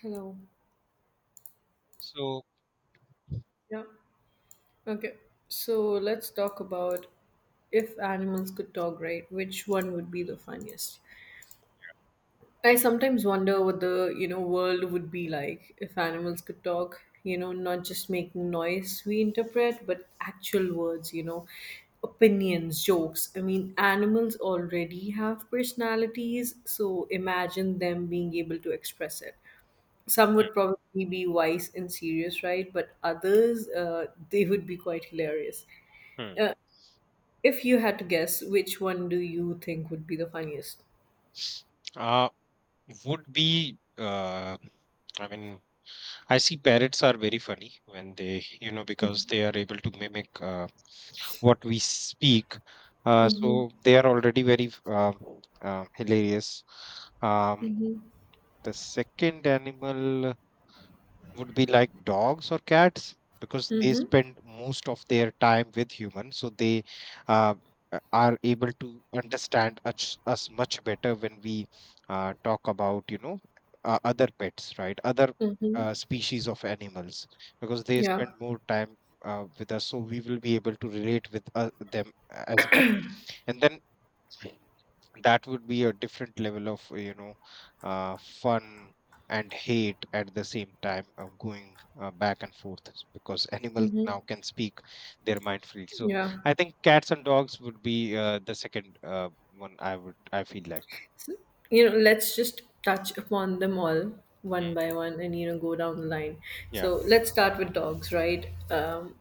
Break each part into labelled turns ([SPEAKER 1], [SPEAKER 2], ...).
[SPEAKER 1] Hello.
[SPEAKER 2] So.
[SPEAKER 1] Yeah. Okay. So let's talk about if animals could talk, right? Which one would be the funniest? I sometimes wonder what the, world would be like if animals could talk, not just making noise we interpret, but actual words, opinions, jokes. I mean, animals already have personalities, so imagine them being able to express it. Some would probably be wise and serious, right? But others, they would be quite hilarious.
[SPEAKER 2] Mhm.
[SPEAKER 1] Uh, if you had to guess, which one do you think would be the funniest?
[SPEAKER 2] Uh, would be I mean, I see parrots are very funny when they, you know, because they are able to mimic what we speak. Uh,
[SPEAKER 1] Mm-hmm.
[SPEAKER 2] so they are already very hilarious. Um,
[SPEAKER 1] Mm-hmm.
[SPEAKER 2] the second animal would be like dogs or cats because they spend most of their time with humans, so they uh, are able to understand us much better when we talk about, you know, other pets, right? Other
[SPEAKER 1] Mm-hmm.
[SPEAKER 2] species of animals, because they
[SPEAKER 1] Yeah.
[SPEAKER 2] spend more time with us, so we will be able to relate with them as much. And then that would be a different level of you know, fun and hate at the same time of going back and forth, because animals
[SPEAKER 1] Mm-hmm.
[SPEAKER 2] now can speak their mind freely. So
[SPEAKER 1] Yeah.
[SPEAKER 2] I think cats and dogs would be the second one I feel like.
[SPEAKER 1] You know, let's just touch upon them all one
[SPEAKER 2] Hmm,
[SPEAKER 1] by one and, you know, go down the line.
[SPEAKER 2] yeah.
[SPEAKER 1] So let's start with dogs, right?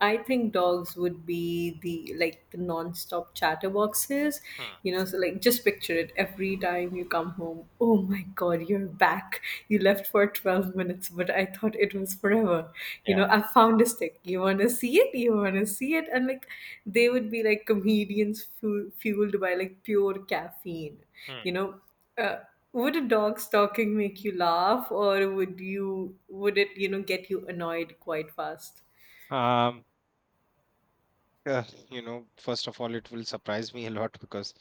[SPEAKER 1] I think dogs would be the like the non-stop chatterboxes,
[SPEAKER 2] Hmm,
[SPEAKER 1] you know. So like, just picture it every time you come home. Oh my God, you're back! You left for 12 minutes, but I thought it was forever. You
[SPEAKER 2] yeah.
[SPEAKER 1] know, I found a stick. You want to see it? You want to see it? And like, they would be like comedians fueled by like pure caffeine.
[SPEAKER 2] Hmm.
[SPEAKER 1] You know, uh, would a dog's talking make you laugh, or would it you know get you annoyed quite fast?
[SPEAKER 2] um Uh, you know, first of all, it will surprise me a lot because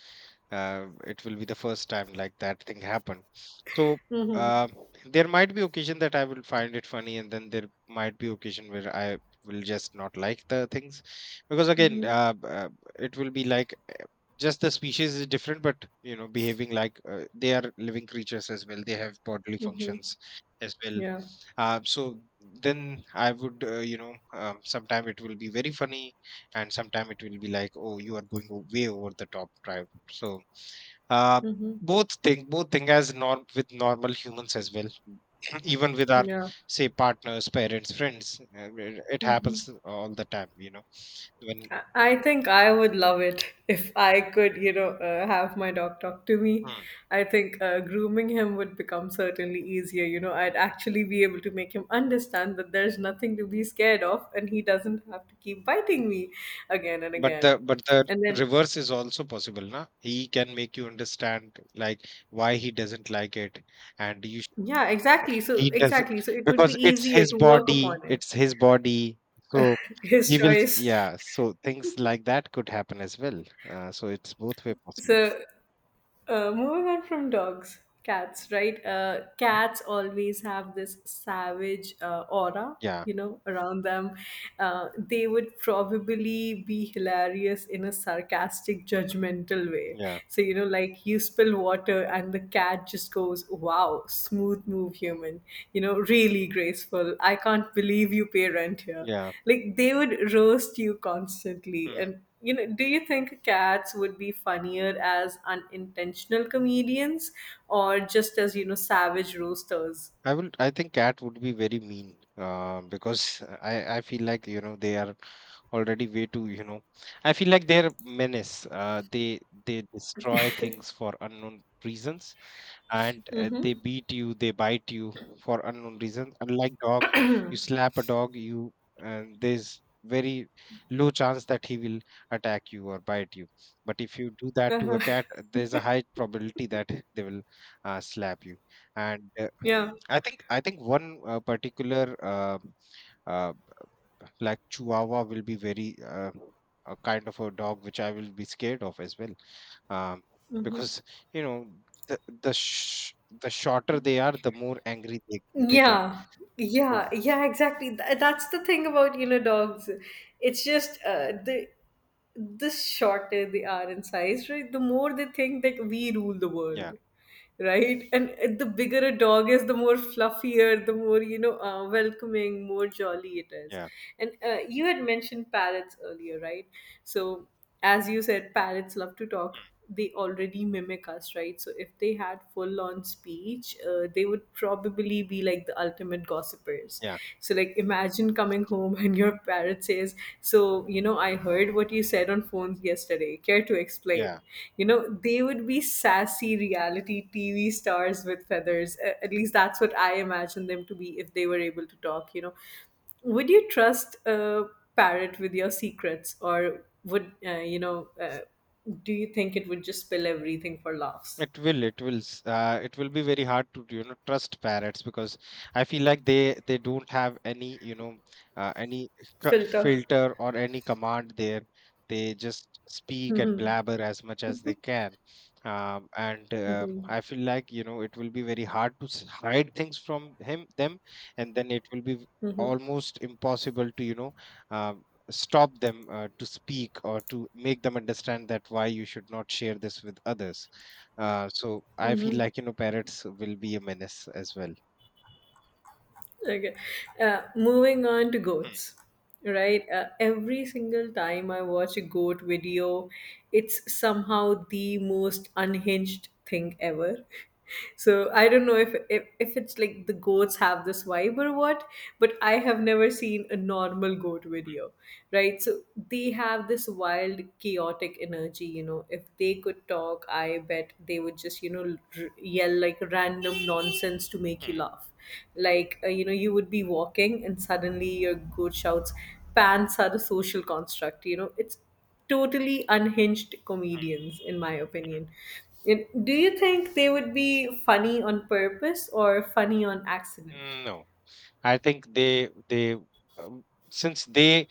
[SPEAKER 2] it will be the first time like that thing happened. So uh,
[SPEAKER 1] Hmm.
[SPEAKER 2] there might be occasion that I will find it funny, and then there might be occasion where I will just not like the things, because again,
[SPEAKER 1] Mhm,
[SPEAKER 2] it will be like just the species is different, but you know, behaving like they are living creatures as well. They have bodily
[SPEAKER 1] mhm,
[SPEAKER 2] functions as well.
[SPEAKER 1] yeah,
[SPEAKER 2] So then I would, sometime it will be very funny, and sometime it will be like, oh, you are going way over the top drive. So uh
[SPEAKER 1] mhm,
[SPEAKER 2] both thing as norm with normal humans as well, even with our
[SPEAKER 1] yeah,
[SPEAKER 2] say partners, parents, friends. It
[SPEAKER 1] mhm.
[SPEAKER 2] happens all the time, you know, when.
[SPEAKER 1] I think I would love it if I could, you know, have my dog talk to me.
[SPEAKER 2] Hmm.
[SPEAKER 1] I think grooming him would become certainly easier. You know, I'd actually be able to make him understand that there's nothing to be scared of, and he doesn't have to keep biting me again and
[SPEAKER 2] but
[SPEAKER 1] again.
[SPEAKER 2] the but the
[SPEAKER 1] And then,
[SPEAKER 2] reverse is also possible, na. He can make you understand, like, why he doesn't like it, and you.
[SPEAKER 1] yeah, exactly.
[SPEAKER 2] He doesn't,
[SPEAKER 1] So it would be
[SPEAKER 2] because it's
[SPEAKER 1] easier
[SPEAKER 2] his
[SPEAKER 1] to work
[SPEAKER 2] body,
[SPEAKER 1] upon it.
[SPEAKER 2] it's his body. So
[SPEAKER 1] His
[SPEAKER 2] he will,
[SPEAKER 1] choice.
[SPEAKER 2] yeah. So things like that could happen as well. So it's both way
[SPEAKER 1] So
[SPEAKER 2] possible.
[SPEAKER 1] Moving on from dogs, cats, right? Cats always have this savage aura,
[SPEAKER 2] Yeah,
[SPEAKER 1] you know, around them. They would probably be hilarious in a sarcastic, judgmental way.
[SPEAKER 2] yeah,
[SPEAKER 1] So, you know, like you spill water and the cat just goes, wow, smooth move, human. You know, really graceful. I can't believe you pay rent here.
[SPEAKER 2] yeah.
[SPEAKER 1] Like they would roast you constantly.
[SPEAKER 2] Hmm.
[SPEAKER 1] And you know, do you think cats would be funnier as unintentional comedians or just as, you know, savage roasters?
[SPEAKER 2] I think cat would be very mean, because I feel like, you know, they are already way too, you know, I feel like they're menace. They destroy things for unknown reasons. And they beat you, they bite you for unknown reasons, unlike dog. You slap a dog, you, and there's very low chance that he will attack you or bite you. But if you do that to a
[SPEAKER 1] Uh-huh.
[SPEAKER 2] cat, there's a high probability that they will slap you. And uh,
[SPEAKER 1] Yeah.
[SPEAKER 2] i think i think one particular uh, like chihuahua will be very a kind of a dog which I will be scared of as well. um, because, you know, the the sh- the shorter they are, the more angry they get.
[SPEAKER 1] Yeah,
[SPEAKER 2] So
[SPEAKER 1] yeah, yeah, exactly. That's the thing about, you know, dogs. It's just the shorter they are in size, right? The more they think that we rule the
[SPEAKER 2] yeah,
[SPEAKER 1] world, right? And the bigger a dog is, the more fluffier, the more, you know, welcoming, more jolly it is.
[SPEAKER 2] yeah,
[SPEAKER 1] And you had mentioned parrots earlier, right? So, as you said, parrots love to talk, they already mimic us, right? So if they had full on speech, they would probably be like the ultimate gossipers.
[SPEAKER 2] yeah,
[SPEAKER 1] So, like, imagine coming home and your parrot says, So, you know, I heard what you said on phones yesterday. Care to explain?
[SPEAKER 2] yeah.
[SPEAKER 1] You know, they would be sassy reality TV stars with feathers. At least that's what I imagine them to be if they were able to talk, you know, would you trust a parrot with your secrets, or would, you know? Do you think it would just spill everything for laughs?
[SPEAKER 2] It will, it will be very hard to, you know, trust parrots because I feel like they don't have any, you know, any
[SPEAKER 1] Filter.
[SPEAKER 2] filter or any command there. They just speak and blabber as much as they can. And
[SPEAKER 1] Mm-hmm.
[SPEAKER 2] I feel like, you know, it will be very hard to hide things from them, and then it will be almost impossible to, you know, um stop them to speak or to make them understand that why you should not share this with others. So I feel like, you know, parrots will be a menace as well.
[SPEAKER 1] Okay. Moving on to
[SPEAKER 2] Hmm,
[SPEAKER 1] goats, right? Every single time I watch a goat video, it's somehow the most unhinged thing ever. So I don't know if it's like the goats have this vibe or what, but I have never seen a normal goat video, right? So they have this wild, chaotic energy. You know, if they could talk, I bet they would just, you know, yell like random nonsense to make you
[SPEAKER 2] hmm,
[SPEAKER 1] laugh. Like you know, you would be walking and suddenly your goat shouts, pants are a social construct. You know, it's totally unhinged
[SPEAKER 2] hmm.
[SPEAKER 1] comedians in my opinion. And do you think they would be funny on purpose or funny on accident?
[SPEAKER 2] Mm, no, I think um, they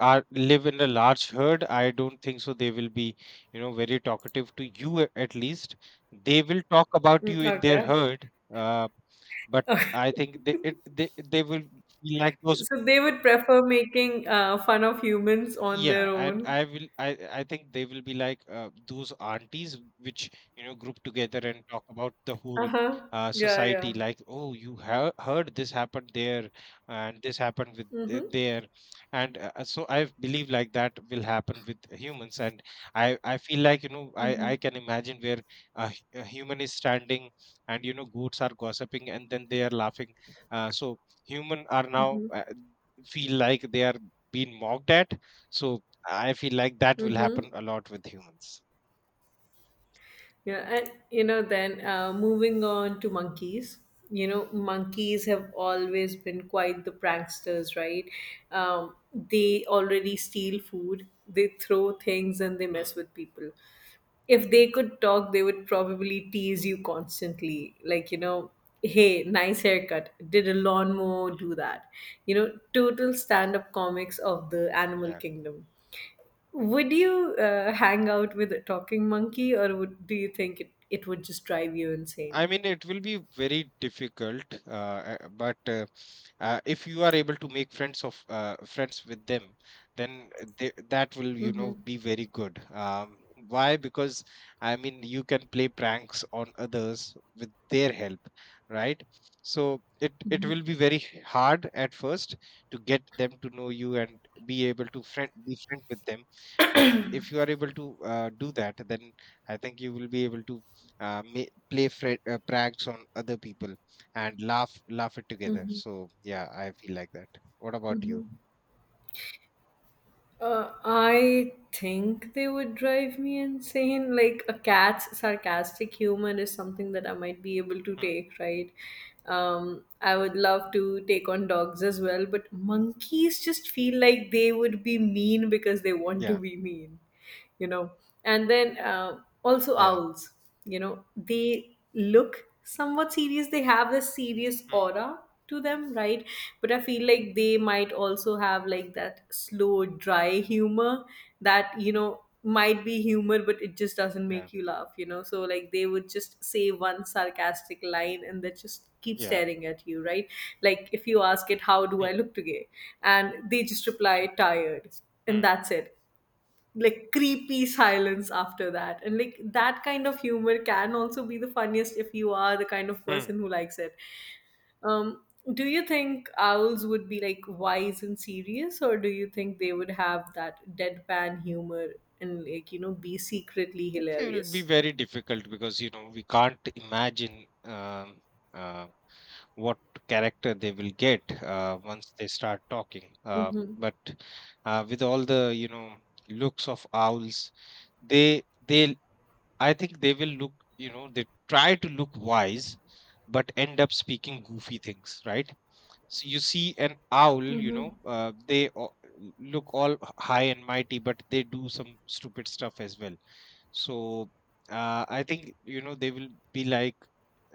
[SPEAKER 2] are live in a large herd. I don't think so. They will be, you know, very talkative to you at least. They will talk about
[SPEAKER 1] Mm,
[SPEAKER 2] you in their
[SPEAKER 1] okay.
[SPEAKER 2] herd, but I think they it, they will feel like those.
[SPEAKER 1] So they would prefer making fun of humans on their
[SPEAKER 2] Yeah, and
[SPEAKER 1] own?
[SPEAKER 2] I think they will be like those aunties which, you know, group together and talk about the whole
[SPEAKER 1] Uh-huh. Yeah, yeah.
[SPEAKER 2] society, like, oh, you have heard this happened there, and this happened with
[SPEAKER 1] Mm-hmm.
[SPEAKER 2] there. And so I believe like that will happen with humans. And I feel like, you know, I
[SPEAKER 1] Mm-hmm.
[SPEAKER 2] I can imagine where a a human is standing and, you know, goats are gossiping and then they are laughing. So human are now
[SPEAKER 1] Mm-hmm.
[SPEAKER 2] feel like they are being mocked at. So I feel like that will
[SPEAKER 1] Mm-hmm.
[SPEAKER 2] happen a lot with humans.
[SPEAKER 1] Yeah, and you know, then moving on to monkeys. You know, monkeys have always been quite the pranksters, right? Um, they already steal food, they throw things, and they mess
[SPEAKER 2] Hmm.
[SPEAKER 1] with people. If they could talk, they would probably tease you constantly. Like, you know, hey, nice haircut. Did a lawnmower do that? You know, total stand up comics of the animal
[SPEAKER 2] Yeah.
[SPEAKER 1] kingdom. Would you hang out with a talking monkey, or would do you think it, it would just drive you
[SPEAKER 2] I
[SPEAKER 1] insane?
[SPEAKER 2] mean, it will be very difficult, but if you are able to make friends with them, then they, that will, you
[SPEAKER 1] Mm-hmm.
[SPEAKER 2] know, be very good. Why? Because, I mean, you can play pranks on others with their help, right? So it
[SPEAKER 1] Mm-hmm.
[SPEAKER 2] will be very hard at first to get them to know you and be able to friend with them. But if you are able to do that, then I think you will be able to uh, ma- pranks on other people and laugh it together.
[SPEAKER 1] Mm-hmm.
[SPEAKER 2] So yeah, I feel like that. What about you?
[SPEAKER 1] Mm-hmm. I think they would drive me insane. Like a cat's sarcastic humor is something that I might be able to
[SPEAKER 2] Hmm.
[SPEAKER 1] take, right? I would love to take on dogs as well, but monkeys just feel like they would be mean because they want to
[SPEAKER 2] Yeah,
[SPEAKER 1] be mean. You know, and then also
[SPEAKER 2] yeah.
[SPEAKER 1] owls. You know, they look somewhat serious, they have this serious
[SPEAKER 2] Hmm.
[SPEAKER 1] aura to them, right? But I feel like they might also have like that slow dry humor that, you know, might be humor but it just doesn't
[SPEAKER 2] Yeah,
[SPEAKER 1] make you laugh. You know, so like they would just say one sarcastic line and they just keep
[SPEAKER 2] yeah.
[SPEAKER 1] staring at you, right? Like if you ask it, how do I
[SPEAKER 2] Hmm.
[SPEAKER 1] look today? And they just
[SPEAKER 2] Hmm.
[SPEAKER 1] reply, tired. And
[SPEAKER 2] Hmm.
[SPEAKER 1] that's it. Like creepy silence after that. And like that kind of humor can also be the funniest if you are the kind of
[SPEAKER 2] Hmm.
[SPEAKER 1] person who likes it. um do you think owls would be like wise and serious, or do you think they would have that deadpan humor and, like, you know, be secretly
[SPEAKER 2] It will be
[SPEAKER 1] hilarious?
[SPEAKER 2] very difficult because, you know, we can't imagine, um, uh, what character they will get once they start talking.
[SPEAKER 1] Mm-hmm.
[SPEAKER 2] But With all the, you know, looks of owls, they they I think they will look, you know, they try to look wise, but end up speaking goofy things, right? So you see an owl, you know, look all high and mighty, but they do some stupid stuff as well. So I think, you know, they will be like,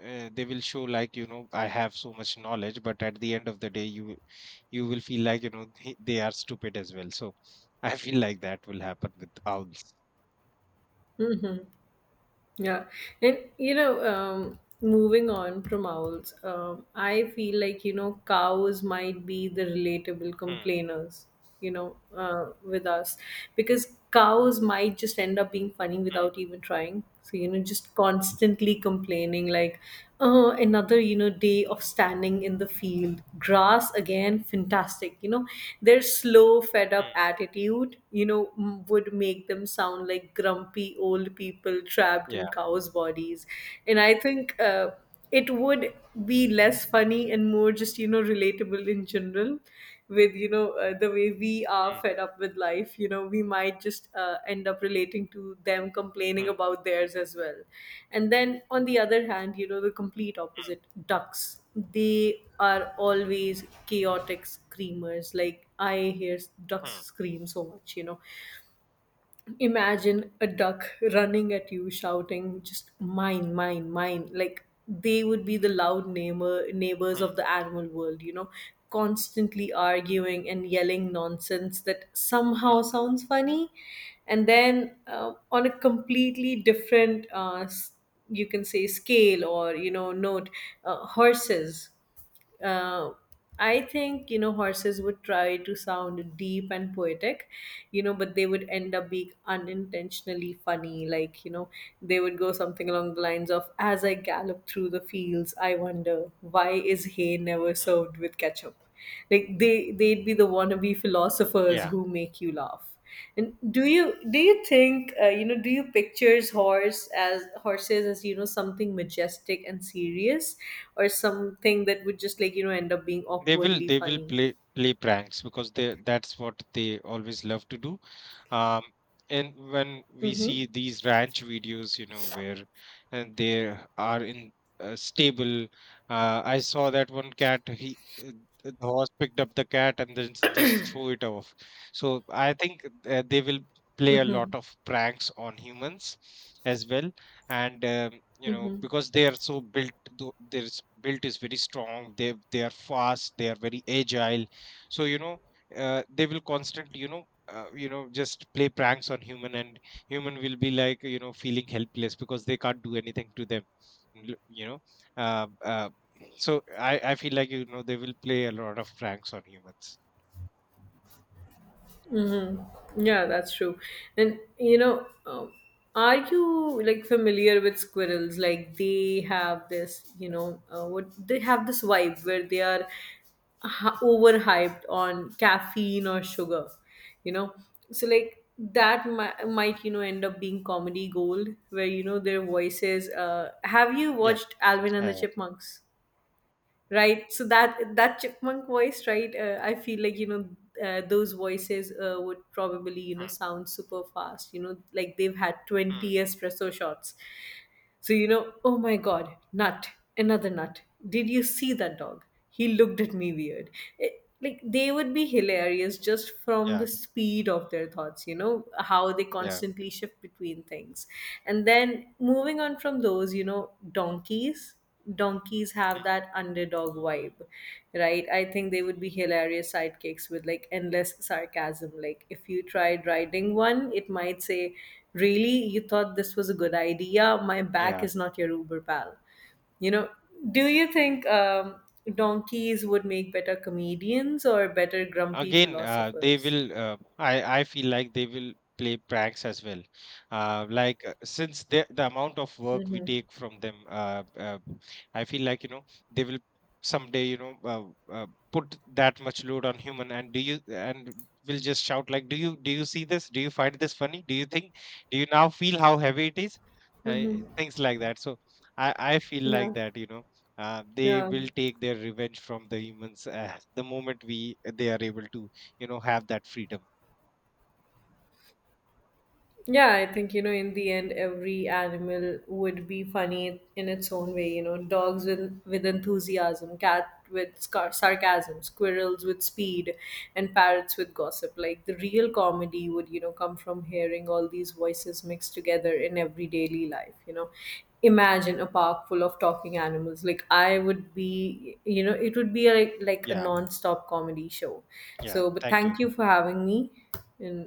[SPEAKER 2] they will show like, you know, I have so much knowledge, but at the end of the day, you will feel like, you know, they are stupid as well. So I feel like that will happen with owls.
[SPEAKER 1] Mm-hmm. Yeah, and you know, moving on from owls, I feel like, you know, cows might be the relatable
[SPEAKER 2] Hmm,
[SPEAKER 1] complainers, you know, with us. Because cows might just end up being funny
[SPEAKER 2] hmm,
[SPEAKER 1] without even trying. So you know, just constantly complaining like, another you know day of standing in the field, grass again, fantastic. You know, their slow fed up
[SPEAKER 2] hmm.
[SPEAKER 1] attitude, you know, would make them sound like grumpy old people trapped
[SPEAKER 2] Yeah.
[SPEAKER 1] in cows bodies. And I think it would be less funny and more just, you know, relatable in general. With, you know, the way we are
[SPEAKER 2] Hmm,
[SPEAKER 1] fed up with life, you know, we might just end up relating to them complaining
[SPEAKER 2] hmm.
[SPEAKER 1] about theirs as well. And then on the other hand, you know, the complete opposite, ducks. They are always chaotic screamers. Like I hear ducks
[SPEAKER 2] Hmm,
[SPEAKER 1] scream so much, you know. Imagine a duck running at you shouting just mine, mine, mine. Like they would be the loud neighbors of
[SPEAKER 2] hmm,
[SPEAKER 1] the animal world, you know, constantly arguing and yelling nonsense that somehow
[SPEAKER 2] hmm.
[SPEAKER 1] sounds funny. And then on a completely different you can say scale or, you know, note, horses. uh, I think, you know, horses would try to sound deep and poetic, you know, but they would end up being unintentionally funny. Like, you know, they would go something along the lines of "As I gallop through the fields, I wonder why is hay never served with ketchup." Like they'd be the wannabe philosophers
[SPEAKER 2] Yeah,
[SPEAKER 1] who make you laugh. And do you think, you know, do you pictures horse as horses as, you know, something majestic and serious, or something that would just, like, you know, end up being
[SPEAKER 2] they will
[SPEAKER 1] awkwardly
[SPEAKER 2] they will
[SPEAKER 1] funny?
[SPEAKER 2] play play pranks because they that's what they always love to do. Um, and when we see
[SPEAKER 1] Mm-hmm.
[SPEAKER 2] these ranch videos, you know, where, and they are in a stable, I saw that one cat. He uh, the horse picked up the cat and then just threw it off. So I think they will play a lot of pranks on humans as well. And you know,
[SPEAKER 1] Mm-hmm.
[SPEAKER 2] because they are so built, built is very strong, they are fast, they are very agile. So you know, they will constantly, you know, you know, just play pranks on human, and human will be like, you know, feeling helpless because they can't do anything to them. You know, uh, uh, so I feel like, you know, they will play a lot of pranks on humans.
[SPEAKER 1] Yeah, that's true. And you know, are you like familiar with squirrels? Like they have this, you know, what, they have this vibe where they are overhyped on caffeine or sugar, you know. So like that might, you know, end up being comedy gold where you know their voices. Have you
[SPEAKER 2] Yeah.
[SPEAKER 1] watched Alvin and
[SPEAKER 2] uh,
[SPEAKER 1] the Chipmunks? Right, so that chipmunk voice, right? I feel like, you know, those voices would probably, you know,
[SPEAKER 2] mm,
[SPEAKER 1] sound super fast, you know, like they've had
[SPEAKER 2] mm,
[SPEAKER 1] 20 espresso shots. So you know, oh my god, nut, another nut, did you see that dog, he looked at me weird. Like they would be hilarious just from
[SPEAKER 2] yeah,
[SPEAKER 1] the speed of their thoughts, you know, how they
[SPEAKER 2] yeah.
[SPEAKER 1] constantly shift between things. And then moving on from those, you know, donkeys. Donkeys have
[SPEAKER 2] mm,
[SPEAKER 1] that underdog vibe, right? I think they would be hilarious sidekicks with like endless sarcasm. Like, if you tried riding one, it might say, really, you thought this was a good idea? My back
[SPEAKER 2] yeah.
[SPEAKER 1] is not your Uber pal. You know, do you think donkeys would make better comedians or better grumpy
[SPEAKER 2] again uh, they
[SPEAKER 1] philosophers?
[SPEAKER 2] will uh, i i feel like they will play pranks as well. Since the amount of work we
[SPEAKER 1] Mm-hmm.
[SPEAKER 2] take from them, I feel like, you know, they will someday, you know, uh, put that much load on human, and do you and will just shout like, do you see this? Do you find this funny? Do you think, do you now feel how heavy it is? uh,
[SPEAKER 1] Mm-hmm.
[SPEAKER 2] Things like that. So I feel like
[SPEAKER 1] Yeah.
[SPEAKER 2] that, you know, they
[SPEAKER 1] Yeah.
[SPEAKER 2] will take their revenge from the humans the moment we they are able to, you know, have that freedom.
[SPEAKER 1] Yeah, I think, you know, in the end, every animal would be funny in its own way. You know, dogs with enthusiasm, cat with sarcasm, squirrels with speed, and parrots with gossip. Like the real comedy would, you know, come from hearing all these voices mixed together in every daily life. You know, imagine a park full of talking animals. Like I would be, you know, it would be like a
[SPEAKER 2] Yeah.
[SPEAKER 1] non stop comedy show.
[SPEAKER 2] Yeah,
[SPEAKER 1] So, but
[SPEAKER 2] thank
[SPEAKER 1] thank you
[SPEAKER 2] you.
[SPEAKER 1] for having me. And